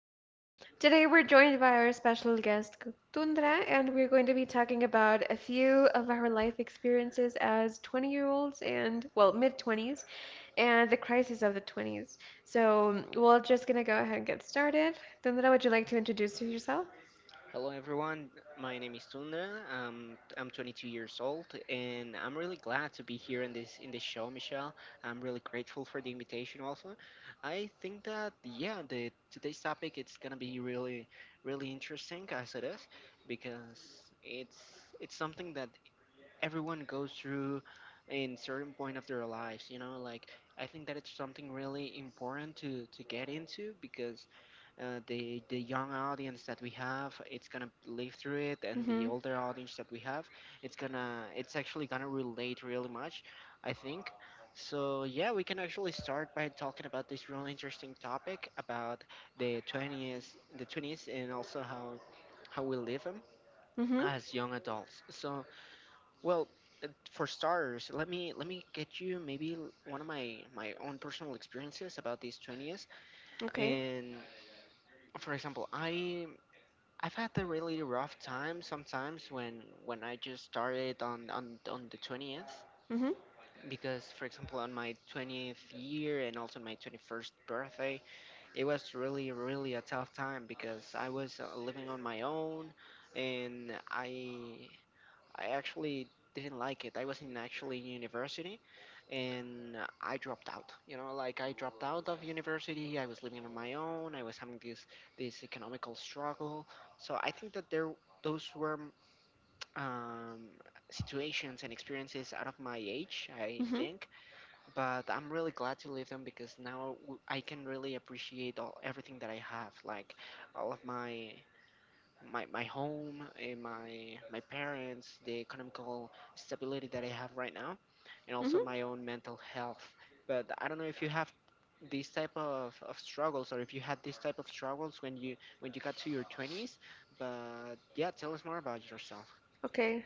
podcast. Today, we're joined by our special guest, Tundra, and we're going to be talking about a few of our life experiences as 20-year-olds and, well, mid 20s and the crisis of the 20s. So, we're just going to go ahead and get started. Tundra, would you like to introduce yourself? Hello everyone, my name is Tunda. I'm 22 years old, and I'm really glad to be here in this show, Michelle. I'm really grateful for the invitation. Also, I think that yeah, the today's topic it's gonna be really really interesting as it is, because it's it's something that everyone goes through in certain point of their lives, you know, like I think that it's something really important to get into because the young audience that we have, it's gonna live through it, Mm and the hmm. older audience that we have, it's actually gonna relate really much, I think. So yeah, we can actually start by talking about this really interesting topic about the 20s, the 20s, and also how we live them Mm hmm. as young adults. So well, for starters, let me get you maybe one of my own personal experiences about these 20s. Okay. And for example, I've had a really rough time sometimes when I just started on the 20th Mm hmm. because for example on my 20th year and also my 21st birthday it was really really a tough time because I was living on my own and I actually didn't like it. I was in actually university, and I dropped out. You know, like I dropped out of university. I was living on my own. I was having this economical struggle. So I think that there those were um, situations and experiences out of my age, I Mm hmm. think, but I'm really glad to live them because now I can really appreciate all everything that I have, like all of my home and my parents, the economical stability that I have right now, and Mm also hmm. my own mental health. But I don't know if you have these type of struggles or if you had these type of struggles when you got to your 20s. But yeah, tell us more about yourself. Okay.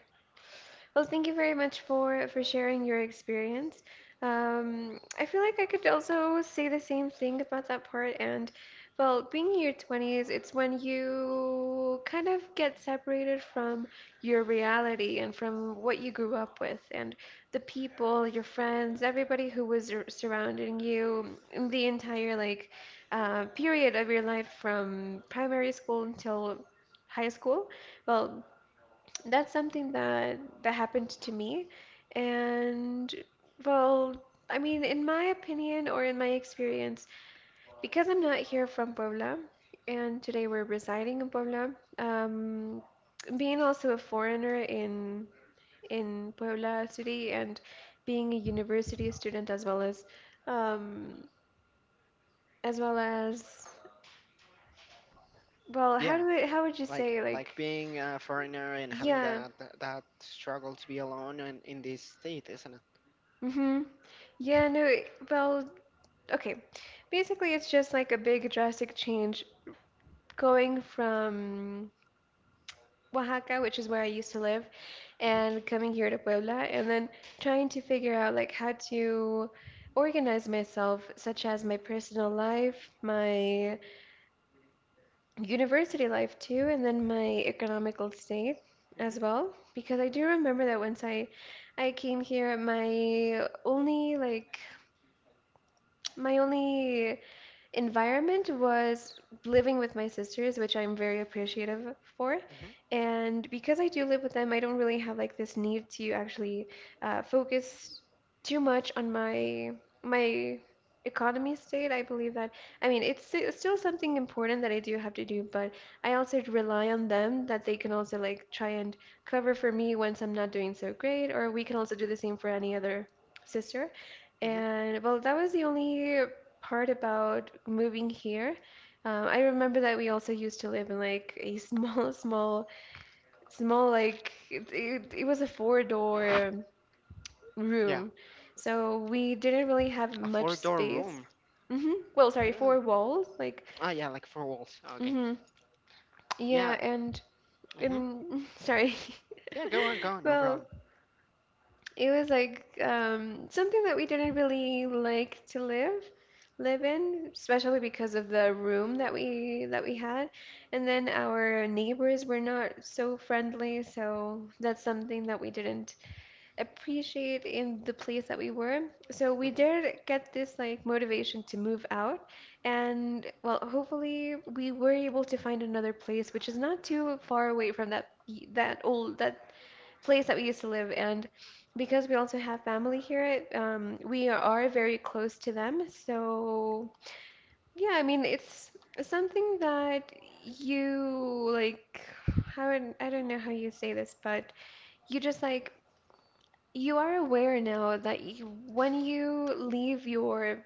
Well, thank you very much for sharing your experience. I feel like I could also say the same thing about that part. And well, being in your 20s, it's when you kind of get separated from your reality and from what you grew up with and the people, your friends, everybody who was surrounding you, in the entire like period of your life from primary school until high school. Well, that's something that happened to me. And well, I mean, in my opinion or in my experience, because I'm not here from Puebla, and today we're residing in Puebla, um, being also a foreigner in Puebla City and being a university student um, as well, how Yeah, do I, how would you say like like being a foreigner and having yeah, that struggle to be alone in this state, isn't it? mm-hmm. Yeah, no, well, okay. Basically, it's just like a big drastic change going from Oaxaca, which is where I used to live, Mhm, and coming here to Puebla, and then trying to figure out like how to organize myself, such as my personal life, my university life too, and then my economical state mhm, as well. Because I do remember that once I came here, my only like my only environment was living with my sisters, which I'm very appreciative for. mhm, And because I do live with them, I don't really have like this need to actually focus too much on my economy state. I believe that I mean it's still something important that I do have to do, but I also rely on them that they can also like try and cover for me once I'm not doing so great, or we can also do the same for any other sister. mhm. And well, that was the only part about moving here. I remember that we also used to live in like a small, small, small, like it was a four-door Yeah, room. So we didn't really have a much four-door space. room. Hmm Well, sorry, Really? four walls. Like, Ah, yeah, like four walls. Okay. hmm Yeah. yeah, Hmm. and sorry. Yeah, go on, go on, no Well, problem. it was like something that we didn't really like to live in, especially because of the room that we had. And then our neighbors were not so friendly, so that's something that we didn't appreciate in the place that we were. So we Hmm. did get this like motivation to move out, and well, hopefully we were able to find another place which is not too far away from that that old that place that we used to live, and because we also have family here, we are very close to them. So yeah, I mean it's something that you like, I don't know how you say this, but you just like you are aware now that you, when you leave your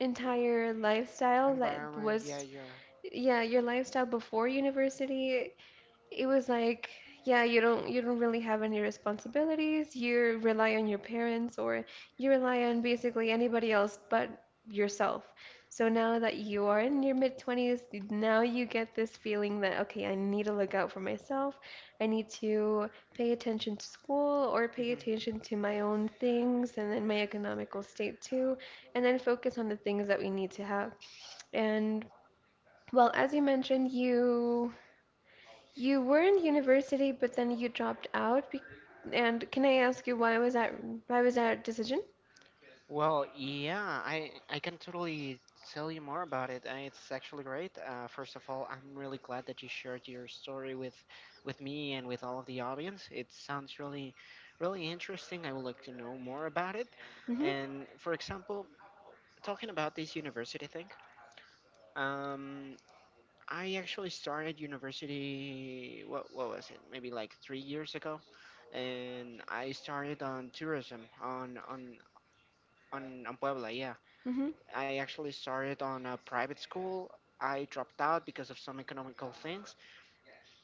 entire lifestyle that Environment, yeah, was you're. yeah your lifestyle before university. It was like, yeah, you don't really have any responsibilities. You rely on your parents or you rely on basically anybody else but yourself. So now that you are in your mid-20s, now you get this feeling that okay, I need to look out for myself. I need to pay attention to school or pay Hmm. attention to my own things and then my economical state too, and then focus on the things that we need to have. And well, as you mentioned, you were in university, but then you dropped out. Be And can I ask you why was that? Why was that decision? Well, yeah, I can totally tell you more about it. It's actually great. First of all, I'm really glad that you shared your story with me and with all of the audience. It sounds really, really interesting. I would like to know more about it. Mm-hmm. And for example, talking about this university thing, um, I actually started university. What was it? Maybe like 3 years ago, and I started on tourism on Puebla. Yeah, Mm-hmm. I actually started on a private school. I dropped out because of some economical things.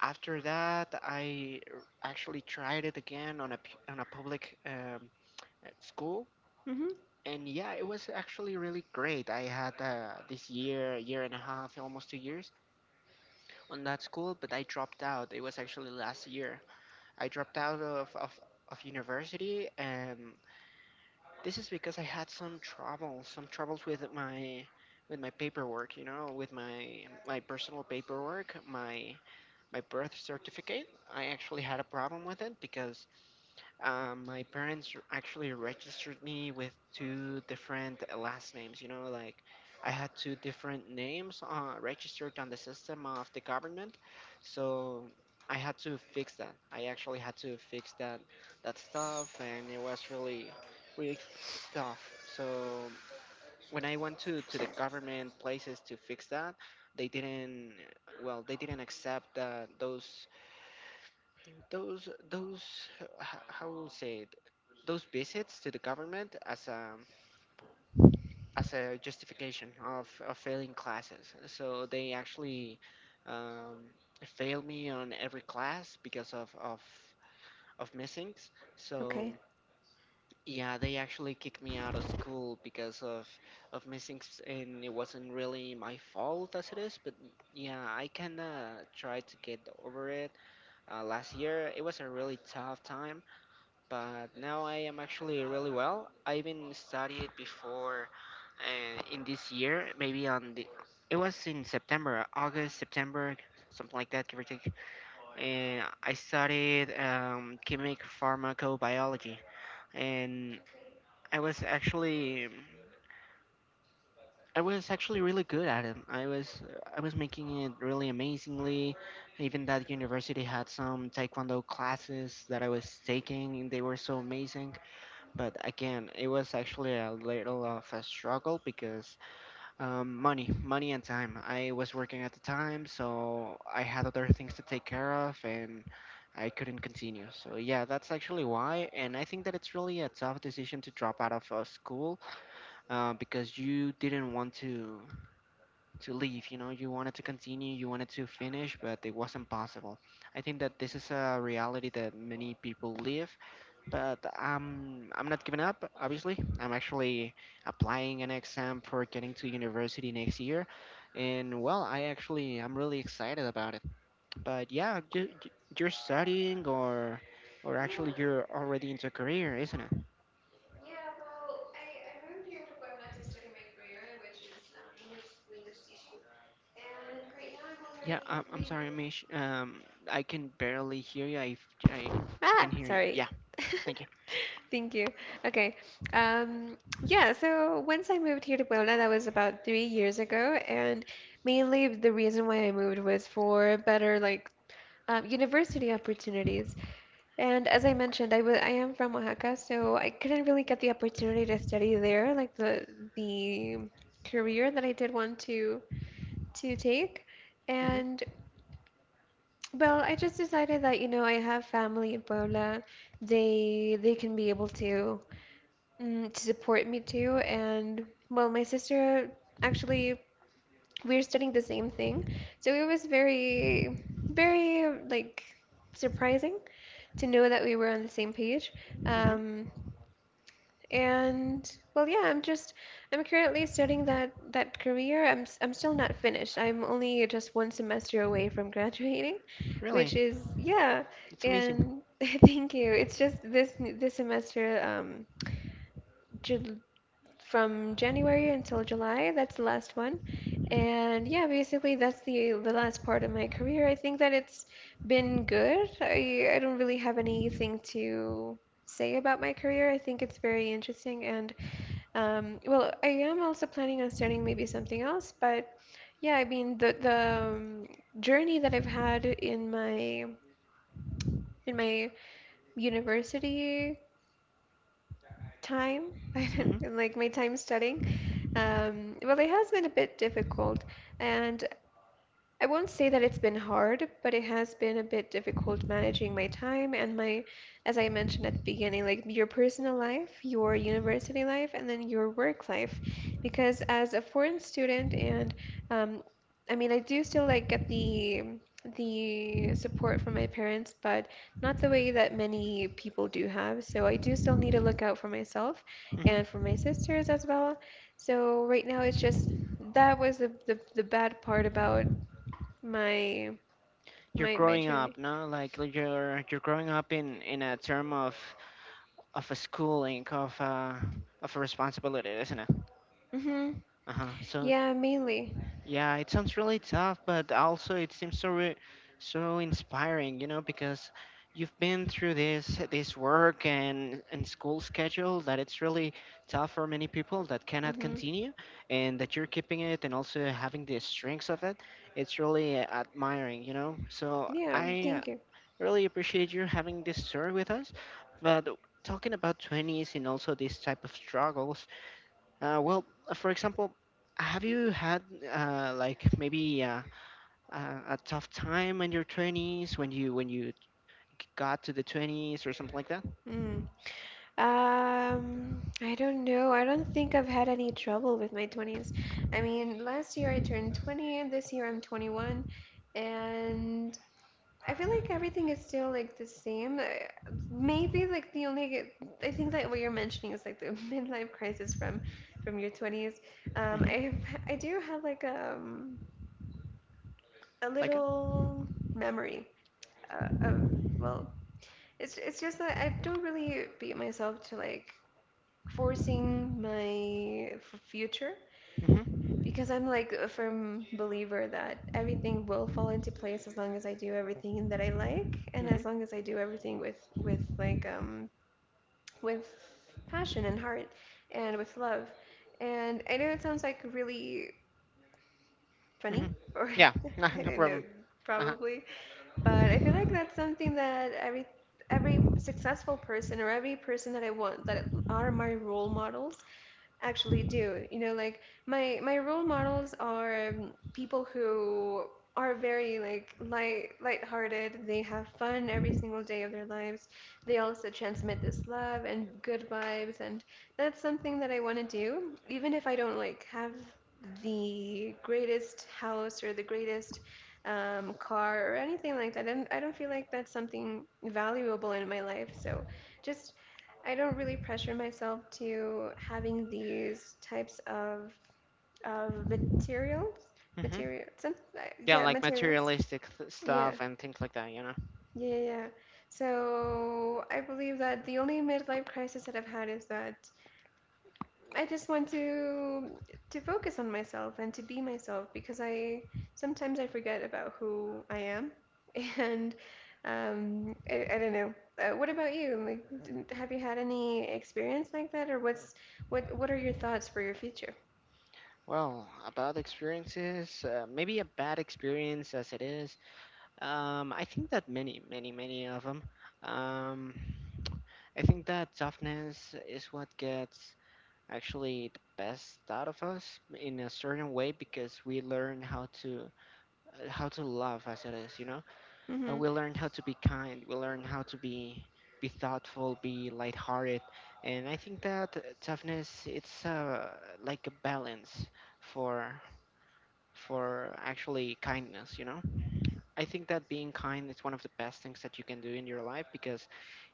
After that, actually tried it again on a on a public school, Mm-hmm. and yeah, it was actually really great. I had this year, year and a half, almost 2 years on that school, but I dropped out. It was actually last year. I dropped out of university, and this is because I had some trouble, some troubles with my paperwork. You know, with my personal paperwork, my birth certificate. I actually had a problem with it because my parents actually registered me with two different last names. You know, like I had two different names registered on the system of the government, so I had to fix that. I actually had to fix that stuff, and it was really really tough. So when I went to the government places to fix that, they didn't well they didn't accept that those h- how will say those visits to the government as a justification of failing classes. So they actually um, failed me on every class because of missings. So Okay. yeah, they actually kicked me out of school because of missings, and it wasn't really my fault as it is. But yeah, I kinda tried to get over it. Last year, it was a really tough time but now I am actually really well. I even studied before in this year, maybe on it was in September, August, September, something like that, give or take. And I studied chemic pharmacobiology, and I was actually I was actually really good at it. I was making it really amazingly. Even that university had some taekwondo classes that I was taking, and they were so amazing. But again, it was actually a little of a struggle because money and time. I was working at the time, so I had other things to take care of and I couldn't continue. So yeah, that's actually why. And I think that it's really a tough decision to drop out of school because you didn't want to leave. You know, you wanted to continue, you wanted to finish, but it wasn't possible. I think that this is a reality that many people live but I'm not giving up. Obviously, I'm actually applying an exam for getting to university next year, and well, I'm really excited about it. But yeah, you're studying or actually you're already into career, isn't it? Yeah, I'm sorry, Mish. I can barely hear you. I Ah, can hear you. sorry. Yeah, thank you. Thank you. Okay. Um, yeah, so once I moved here to Puebla, that was about 3 years ago, and mainly the reason why I moved was for better like university opportunities. And as I mentioned, I am from Oaxaca, so I couldn't really get the opportunity to study there, like the career that I did want to take. Mhm. And well, I just decided that, you know, I have family in Puebla. They can be able to to support me too. And well, my sister actually we're studying the same thing. So it was very like surprising to know that we were on the same page. Mhm. Um, and well, yeah, I'm just I'm currently studying that career. I'm still not finished. I'm only just one semester away from graduating, Really, which is yeah. it's amazing. And thank you. It's just this semester Ju from January until July, that's the last one. Mhm. And yeah, basically that's the last part of my career. I think that it's been good. I don't really have anything to say about my career. I think it's very interesting and well, I am also planning on starting maybe something else, but yeah, I mean the journey that I've had in my university time, Mhm. and like my time studying, well, it has been a bit difficult, and I won't say that it's been hard, but it has been a bit difficult managing my time and my, as I mentioned at the beginning, like your personal life, your university life, and then your work life. Because as a foreign student, and um, I mean, I do still like get the support from my parents, but not the way that many people do have. So I do still need to look out for myself Mhm. and for my sisters as well. So right now it's just that was the bad part about my You're my growing up, journey. no? Like, you're growing up in a term of a schooling of a responsibility, isn't it? Mm-hmm. Uh huh. So Yeah, mainly. yeah, it sounds really tough, but also it seems so so inspiring, you know, because you've been through this work and school schedule that it's really tough for many people that cannot Mm-hmm. continue, and that you're keeping it and also having the strengths of it. It's really admiring, you know. So Yeah, I thank you. really appreciate you having this story with us. But talking about 20s and also these type of struggles, well, for example, have you had like maybe a tough time in your 20s when got to the 20s or something like that? Mm. I don't know. I don't think I've had any trouble with my 20s. I mean, last year I turned 20, and this year I'm 21, and I feel like everything is still like the same. Maybe like the only I think that what you're mentioning is like the midlife crisis from your 20s. I Mm-hmm. have, I do have like a Like that? little memory of well, it's just that I don't really beat myself to like forcing my future Mm-hmm. because I'm like a firm believer that everything will fall into place as long as I do everything that I like and Mm-hmm. as long as I do everything with like with passion and heart and with love. And I know it sounds like really funny Mm-hmm. or Yeah, no, I no don't know, problem. Uh-huh. probably. But I feel like that's something that every successful person or every person that I want that are my role models, actually do. You know, like my role models are people who are very like lighthearted. They have fun every single day of their lives. They also transmit this love and good vibes, and that's something that I want to do, even if I don't like have the greatest house or the greatest car or anything like that. And I don't feel like that's something valuable in my life. So just I don't really pressure myself to having these types of materials. Mm-hmm. Material, some, Yeah, yeah, like materials. materialistic Yeah, stuff and things like that, you know? yeah, yeah, yeah. So I believe that the only midlife crisis that I've had is that I just want to focus on myself and to be myself because I sometimes I forget about who I am, and I don't know. What about you? Like, have you had any experience like that, or what's what are your thoughts for your future? Well, about experiences, maybe a bad experience as it is. I think that many, many, many of them. Um, I think that toughness is what gets actually the best out of us in a certain way because we learn how to love as it is, you know. Mhm. We learn how to be kind. We learn how to be thoughtful, be lighthearted, and I think that toughness it's like a balance for for actually kindness, you know. I think that being kind is one of the best things that you can do in your life because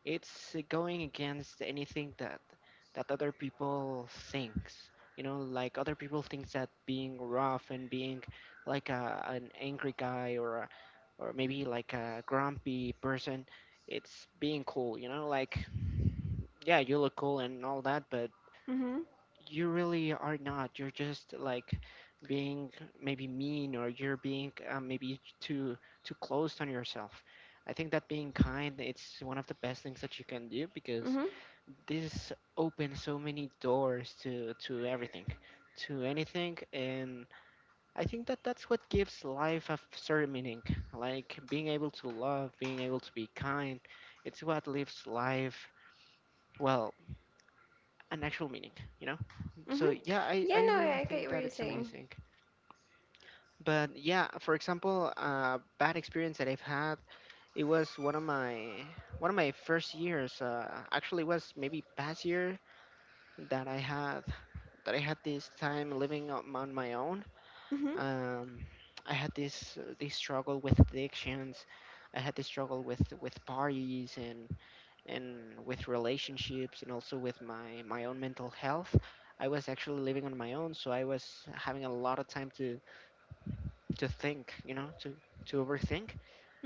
it's going against anything that other people thinks. You know, like other people thinks that being rough and being like an angry guy or or maybe like a grumpy person, it's being cool. You know, like yeah, you look cool and all that, but Mhm. you really are not. You're just like being maybe mean or you're being maybe too closed on yourself. I think that being kind it's one of the best things that you can do because Mhm. this opens so many doors to everything, to anything, and I think that that's what gives life a certain meaning. Like being able to love, being able to be kind, it's what lives life well an actual meaning, you know. So Mhm. yeah, Yeah, I no, I really I think get what that you're it's saying. amazing but yeah for example, bad experience that I've had, it was one of my first years, actually it was maybe past year that I had this time living on my own. Mhm. um, I had this this struggle with addictions. I had this struggle with parties and with relationships and also with my own mental health. I was actually living on my own, so I was having a lot of time to think, you know, to overthink.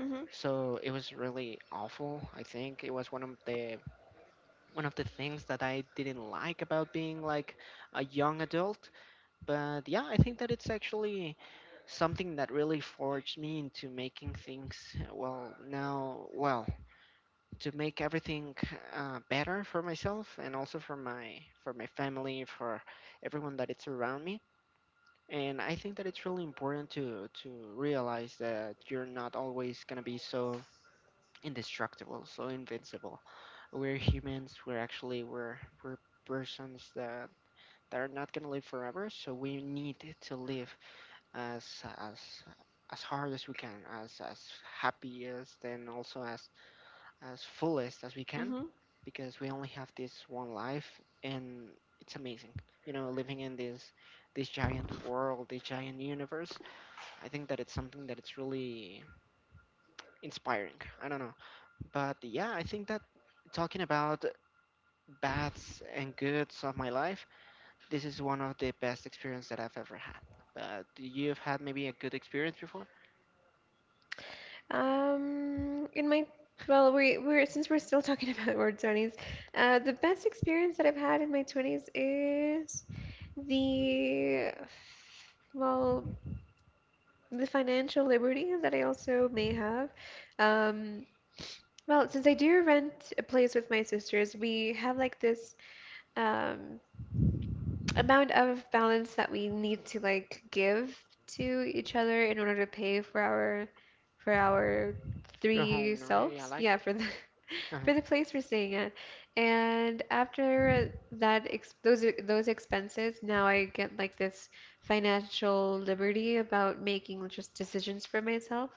Mhm. So it was really awful. I think it was one of the things that I didn't like about being like a young adult. But yeah, I think that it's actually something that really forged me into making things well. Now, well, to make everything better for myself and also for my family, for everyone that it's around me. And I think that it's really important to realize that you're not always going to be so indestructible, so invincible. We're humans, we're actually we're persons that are not going to live forever, so we need to live, as as as hard as we can, as happy as, then also, as fullest as we can, Mhm. because we only have this one life. And it's amazing, you know, living in this giant world, this giant universe. I think that it's something that it's really inspiring, I don't know. But yeah, I think that, talking about bads and goods of my life, this is one of the best experience that I've ever had. But you've had maybe a good experience before? In my well, we're since we're still talking about our 20s, the best experience that I've had in my 20s is the well, the financial liberty that I also may have. Um, well, since I do rent a place with my sisters, we have like this um amount of balance that we need to like give to each other in order to pay for our You're three home? No. Yeah, selves. like, Yeah, for the uh for the place we're staying at. And after that ex those expenses, now I get like this financial liberty about making just decisions for myself.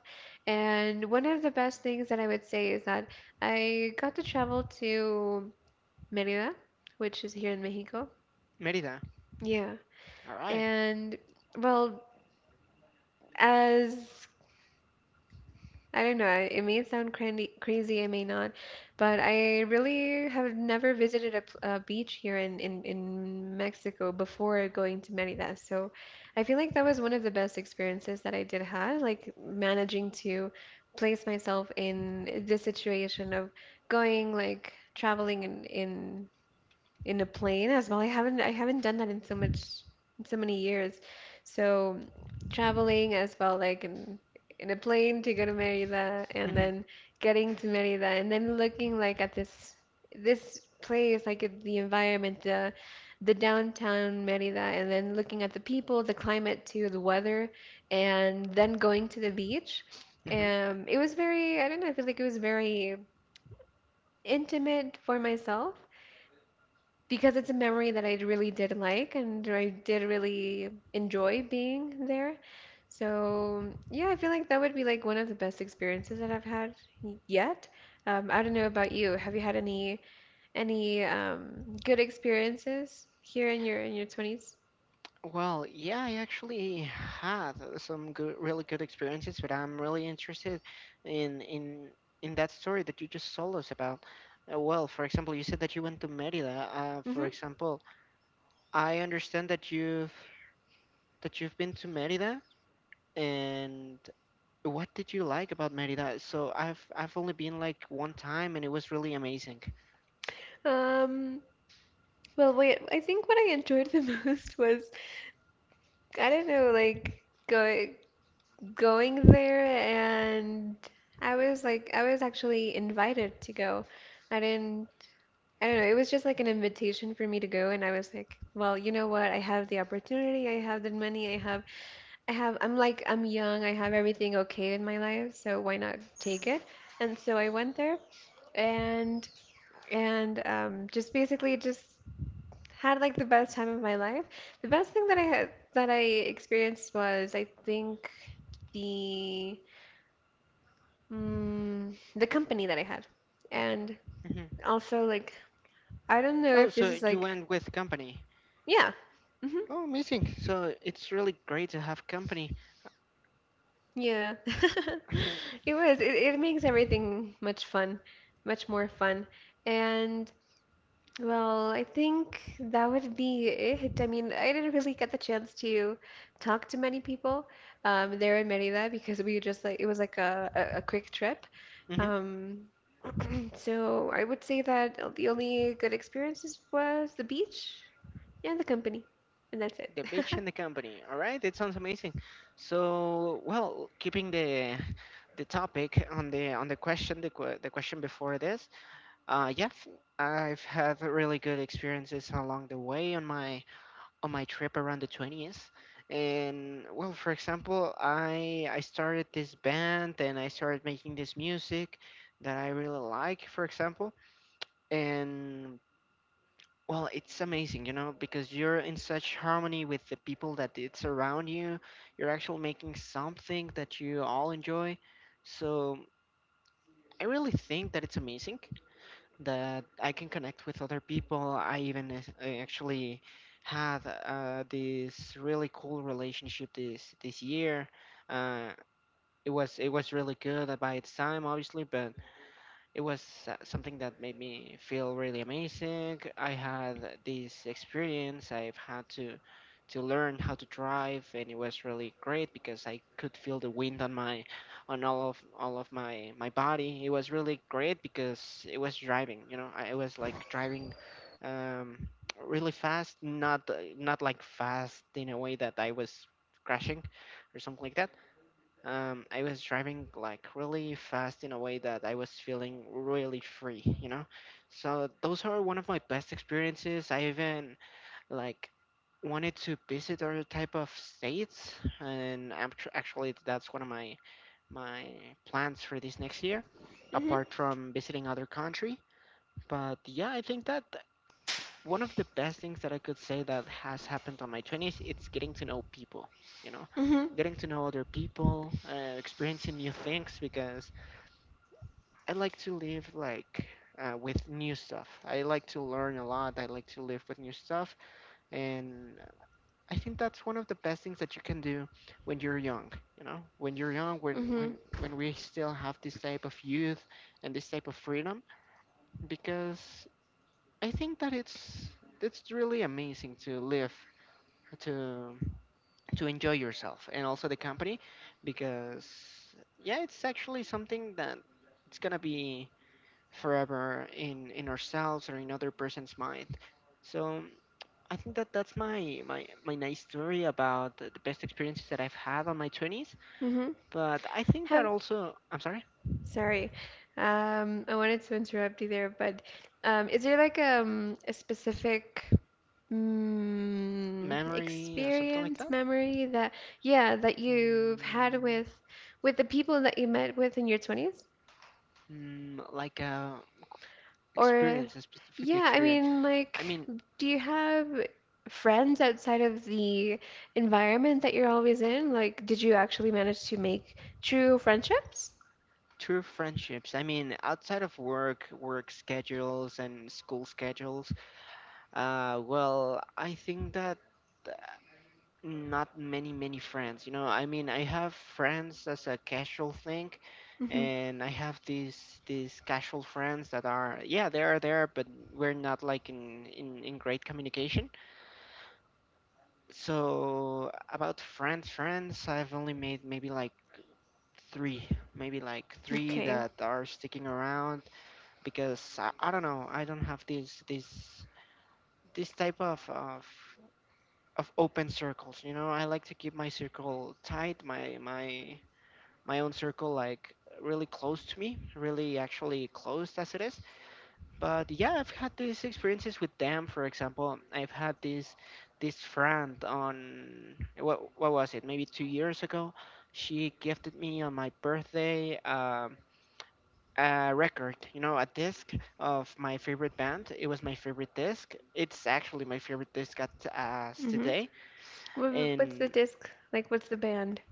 And one of the best things that I would say is that I got to travel to Merida, which is here in Mexico. Merida. Yeah. All right. And well, as I don't know, it may sound crazy, it may not, but I really have never visited a beach here in Mexico before going to Merida. So I feel like that was one of the best experiences that I did have, like managing to place myself in this situation of going like traveling in a plane as well. I haven't done that in so much in so many years. So traveling as well, like in a plane to go to Merida, and Mhm. then getting to Merida, and then looking like at this place, like at the environment, the downtown Merida, and then looking at the people, the climate too, the weather, and then going to the beach. Mhm. It was very, I don't know, I feel like it was very intimate for myself because it's a memory that I really did like and I did really enjoy being there. So, yeah, I feel like that would be like one of the best experiences that I've had yet. I don't know about you. Have you had any good experiences here in your 20s? Well, yeah, I actually had some good, really good experiences, but I'm really interested in in in that story that you just told us about. Well, for example, you said that you went to Merida. For Hmm. example, I understand that you've been to Merida, and what did you like about Merida? So I've only been like one time, and it was really amazing. Um, well, wait, I think what I enjoyed the most was I don't know, like going. going there, and I was actually invited to go. I didn't I don't know, it was just like an invitation for me to go, and I was like, well, you know what? I have the opportunity, I have the money, I have, I'm like I'm young, I have everything okay in my life, so why not take it? And so I went there and just basically just had like the best time of my life. The best thing that I had that I experienced was I think the the company that I had. And Hmm. also, like, I don't know Oh, if this is so you like, went with company. yeah. Hmm. Oh, amazing. So it's really great to have company. Yeah. It was. It makes everything much fun, much more fun. And well, I think that would be it. I mean, I didn't really get the chance to talk to many people there in Merida because we just like it was like a quick trip. Hmm. Um, so I would say that the only good experiences was the beach and the company, and that's it. The beach and the company. All right, it sounds amazing. So, well, keeping the topic on the question, the question before this. Yeah, I've had really good experiences along the way on my trip around the 20s. And, well, for example, I started this band and I started making this music that I really like, for example. And well, it's amazing, you know, because you're in such harmony with the people that it's around you. You're actually making something that you all enjoy. So I really think that it's amazing that I can connect with other people. I even, I actually had this really cool relationship this year. Uh, it was really good by its time, obviously, but it was something that made me feel really amazing. I had this experience. I've had to learn how to drive, and it was really great because I could feel the wind on all of my body. It was really great because it was driving. You know, I was like driving, um, really fast, not, not like fast in a way that I was crashing or something like that. I was driving like really fast in a way that I was feeling really free, you know. So those are one of my best experiences. I even, like, wanted to visit other type of states, and actually that's one of my plans for this next year, Mhm, apart from visiting other country. But yeah, I think that one of the best things that I could say that has happened on my 20s, it's getting to know people, you know, mhm, getting to know other people, experiencing new things because I like to live, like, with new stuff. I like to learn a lot. I like to live with new stuff. And I think that's one of the best things that you can do when you're young, you know, when you're young, mhm, when we still have this type of youth and this type of freedom, because I think that it's really amazing to live, to to enjoy yourself and also the company, because yeah, it's actually something that it's gonna be forever in ourselves or in other person's mind. So I think that that's my nice story about the best experiences that I've had on my 20s. mhm. But I think that Have also, I'm sorry. Sorry, I wanted to interrupt you there, but is there like a specific Memory or something like experience, that. memory that, yeah, that you've had Mm, with the people that you met with in your 20s? mm, like a Or, experience, a specific yeah, I experience. mean I like mean. do you have friends outside of the environment that you're always in? Like did you actually manage to make true friendships? True friendships. I mean, outside of work, work schedules, and school schedules, well, I think that, uh, not many, many friends. You know, I mean, I have friends as a casual thing, Hmm. and I have these casual friends that are, yeah, they are there, but we're not like in great communication. So about friends, friends, I've only made three, maybe like three Okay. that are sticking around, because I don't know, I don't have this type of open circles. You know, I like to keep my circle tight, my own circle, like really close to me, really actually closed as it is. But yeah, I've had these experiences with them. For example, I've had this friend on, what was it, maybe 2 years ago, she gifted me on my birthday, a record, you know, a disc of my favorite band. It was my favorite disc. It's actually my favorite disc at, as Hmm. today, Wh- What's the and disc? Like what's the band?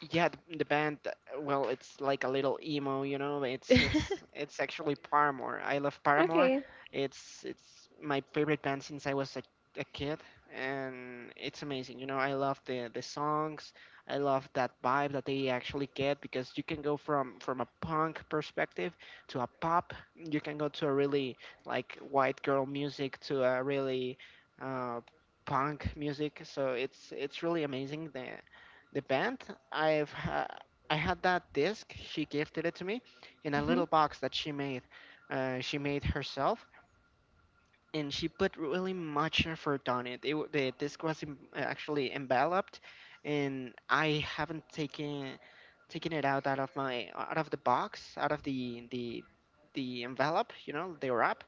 yeah, the band, well, it's like a little emo, you know, it's it's it's actually Paramore. I love Paramore. Okay. It's my favorite band since I was a kid, and it's amazing, you know, I love the songs. I love that vibe that they actually get because you can go from a punk perspective to a pop, you can go to a really, like, white girl music to a really, uh punk music. So it's really amazing, the band. I've ha- I had that disc. She gifted it to me in a Hmm. little box that she made. She made herself, and she put really much effort on it. The disc was actually enveloped, and I haven't taken it out of the box, out of the envelope. You know, the wrap.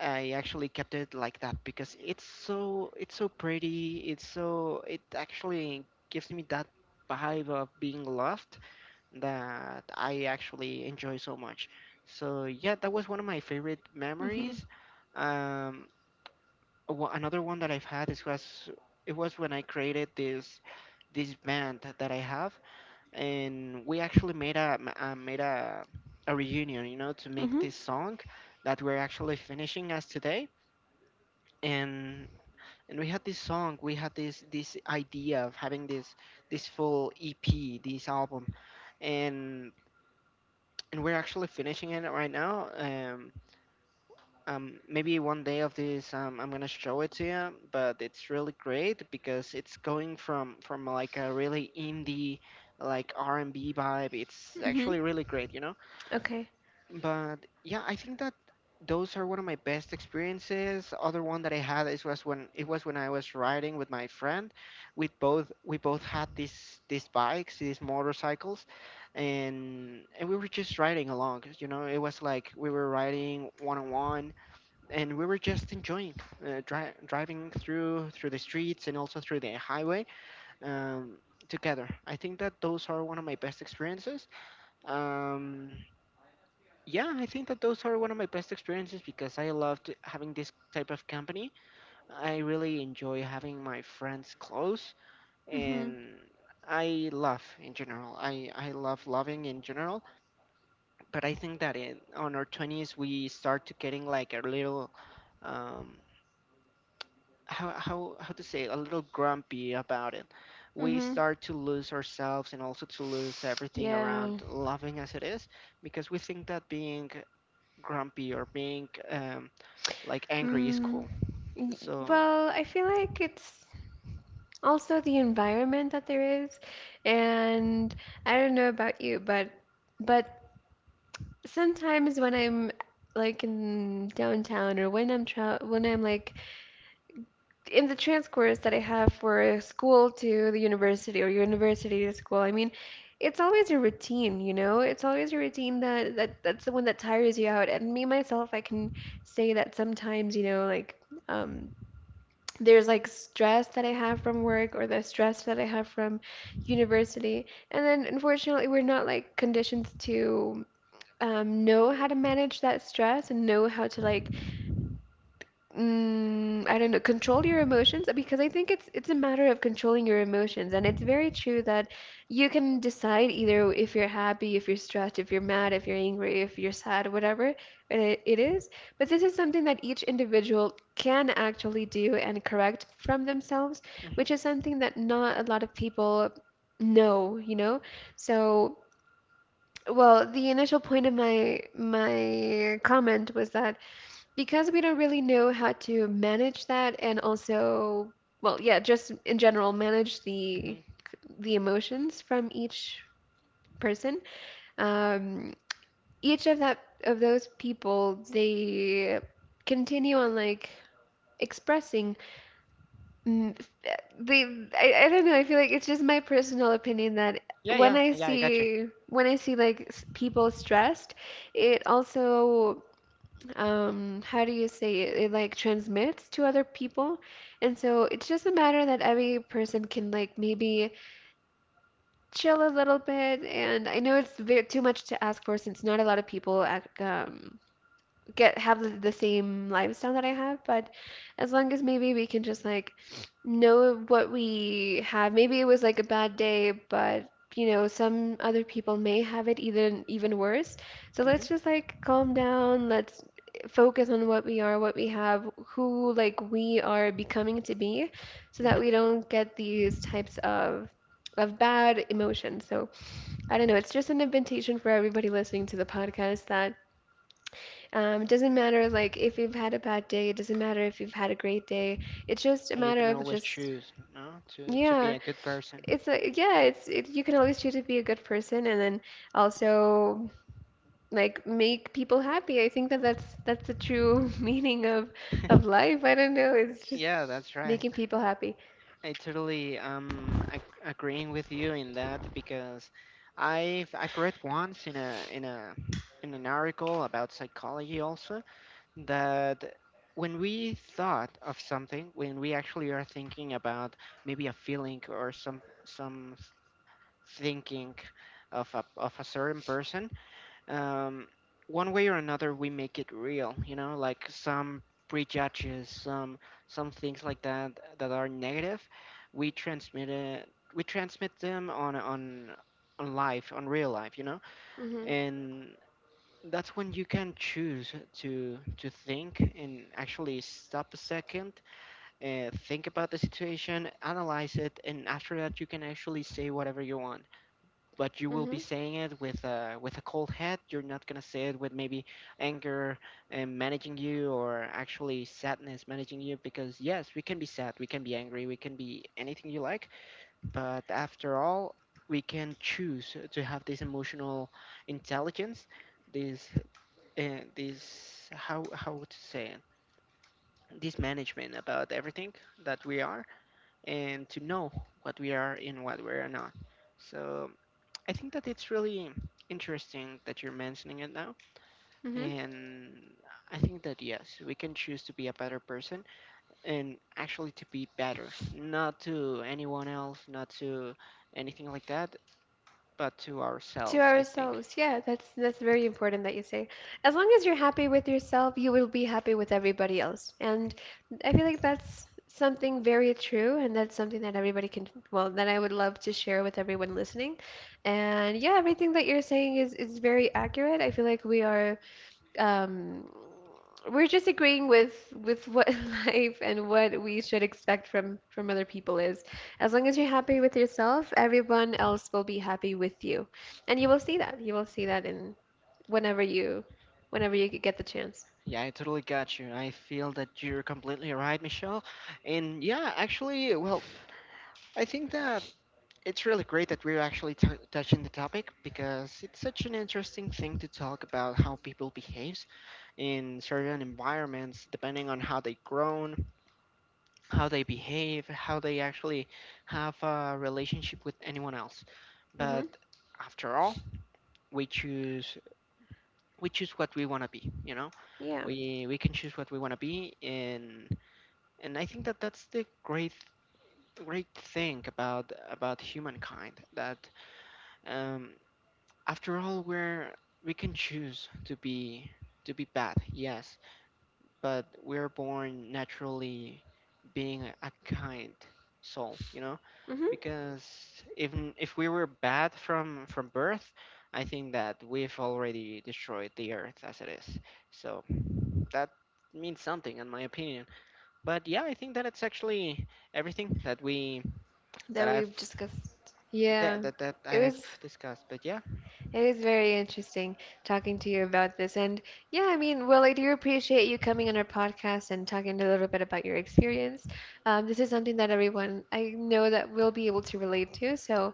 I actually kept it like that because it's so pretty. It's so, it actually gives me that vibe of being loved that I actually enjoy so much. So yeah, that was one of my favorite Hmm. memories. Um, Another one that I've had is was it was when I created this band that I have, and we actually made made a reunion, you know, to make Hmm. this song that we're actually finishing as today, and we had this song, we had this idea of having this full ep, this album, and we're actually finishing it right now. Maybe one day of this, I'm gonna show it to you, but it's really great because it's going from like a really indie, like R&B vibe. It's Hmm. actually really great, you know. Okay. But yeah, I think that those are one of my best experiences. Other one that I had is was when I was riding with my friend. We both had these bikes, these motorcycles, and, we were just riding along. You know, it was like we were riding one on one, and we were just enjoying, driving through the streets and also through the highway. Um, Together, I think that those are one of my best experiences. um, yeah, I think that those are one of my best experiences because I loved having this type of company. I really enjoy having my friends close, Mm-hmm. and I love in general. I love loving in general, but I think that in, on our 20s we start to getting like a little, um how to say it, a little grumpy about it. We Mm-hmm. start to lose ourselves and also to lose everything around Yeah. loving as it is, because we think that being grumpy or being, like, angry is Mm. cool. Y- So, Well, I feel like it's also the environment that there is, and I don't know about you, but sometimes when I'm like in downtown or when I'm tra when I'm like in the transcourse that I have for school to the university or university to school, I mean, it's always a routine, you know? It's always a routine that, that that's the one that tires you out. And me myself, I can say that sometimes, you know, like um there's like stress that I have from work or the stress that I have from university. And then unfortunately, we're not like conditioned to know how to manage that stress and know how to like I don't know, control your emotions because I think it's a matter of controlling your emotions, and it's very true that you can decide either if you're happy, if you're stressed, if you're mad, if you're angry, if you're sad, whatever it is. But this is something that each individual can actually do and correct from themselves, hmm, which is something that not a lot of people know, you know? So, well, the initial point of my my comment was that because we don't really know how to manage that, and also well, yeah, just in general manage hmm. the emotions from each person, um each of that of those people, they continue on like expressing, mm, they, I don't know, I feel like it's just my personal opinion that Yeah, yeah, yeah, I got you. When I see like s- people stressed, it also how do you say it, it like transmits to other people. And so it's just a matter that every person can like maybe chill a little bit. And I know it's ve too much to ask for since not a lot of people get have the same lifestyle that I have, but as long as maybe we can just like know what we have. Maybe it was like a bad day, but you know, some other people may have it even even worse. So let's Hmm, just like calm down, let's focus on what we are, what we have, who like we are becoming to be, so that hmm. we don't get these types of bad emotions. So I don't know, it's just an invitation for everybody listening to the podcast that it doesn't matter like if you've had a bad day, it doesn't matter if you've had a great day. It's just a And you matter can of always just choose, no, to be yeah, a good person. it's like yeah, it's you can always choose to be a good person, and then also like make people happy. I think that that's the true meaning of life. I don't know, it's just Yeah, that's right. making people happy. I totally, ag agreeing with you in that because I've read once in a in a in an article about psychology also, that when we thought of something, when we actually are thinking about maybe a feeling or some thinking of of a certain person, um, one way or another we make it real, you know, like some prejudges, some things like that that are negative, we transmit it, we transmit them on, on life, on real life, you know. Mhm. And that's when you can choose to think and actually stop a second, think about the situation, analyze it, and after that you can actually say whatever you want, but you will be Mhm. saying it with a cold head. You're not gonna say it with maybe anger and managing you, or actually sadness managing you, because yes, we can be sad, we can be angry, we can be anything you like, but after all, we can choose to have this emotional intelligence, this, this, how to say it, this management about everything that we are, and to know what we are and what we are not. So I think that it's really interesting that you're mentioning it now. Mhm. And I think that yes, we can choose to be a better person and actually to be better, not to anyone else, not to anything like that, but to To ourselves, I think. ourselves. Yeah, that's very important that you say. As long as you're happy with yourself, you will be happy with everybody else. And I feel like that's something very true, and that's something that everybody can, well, that I would love to share with everyone listening. And yeah, everything that you're saying is very accurate. I feel like we are um, we're just agreeing with what life and what we should expect from other people is. As long as you're happy with yourself, everyone else will be happy with you. And you will see that. You will see that in whenever you whenever you get the chance. Yeah, I totally got you. I feel that you're completely right, Michelle. And yeah, actually, well, I think that it's really great that we're touching the topic, because it's such an interesting thing to talk about how people behaves in certain environments, depending on how they grown, how they behave, how they actually have a relationship with anyone else. Mm-hmm. But after all, we choose. We choose what we want to be, you know, Yeah. we can choose what we want to be. And, I think that that's the great, great thing about humankind, that, um, after all, we can choose to be, bad, yes, but we're born naturally being a kind soul, you know? Mm-hmm. Because even if we were bad from birth, I think that we've already destroyed the earth as it is. So that means something, in my opinion. But yeah, I think that it's actually everything that we, that That I've, we've discussed. Yeah. That It I've was. discussed. But yeah, It is very interesting talking to you about this. And yeah, I mean, well, I do appreciate you coming on our podcast and talking a little bit about your experience. This is something that everyone I know that will be able to relate to. So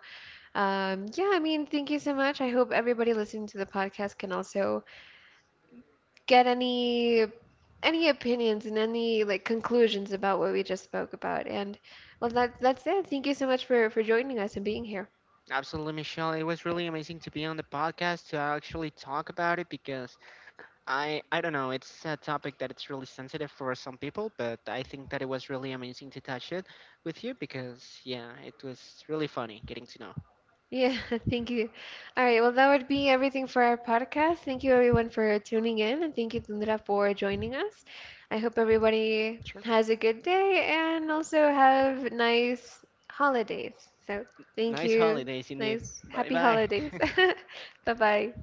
yeah, I mean, thank you so much. I hope everybody listening to the podcast can also get any opinions and any like conclusions about what we just spoke about. And well, that that's it. Thank you so much for joining us and being here. absolutely, Michelle. It was really amazing to be on the podcast to actually talk about it, because I don't know, it's a topic that it's really sensitive for some people, but I think that it was really amazing to touch it with you because yeah, it was really funny getting to know. Yeah, thank you. All right, well, that would be everything for our podcast. Thank you, everyone, for tuning in, and thank you, Tundra, for joining us. I hope everybody Sure. has a good day and also have nice holidays. So, thank Nice you. holidays indeed. Nice, Bye happy bye. holidays. Bye bye.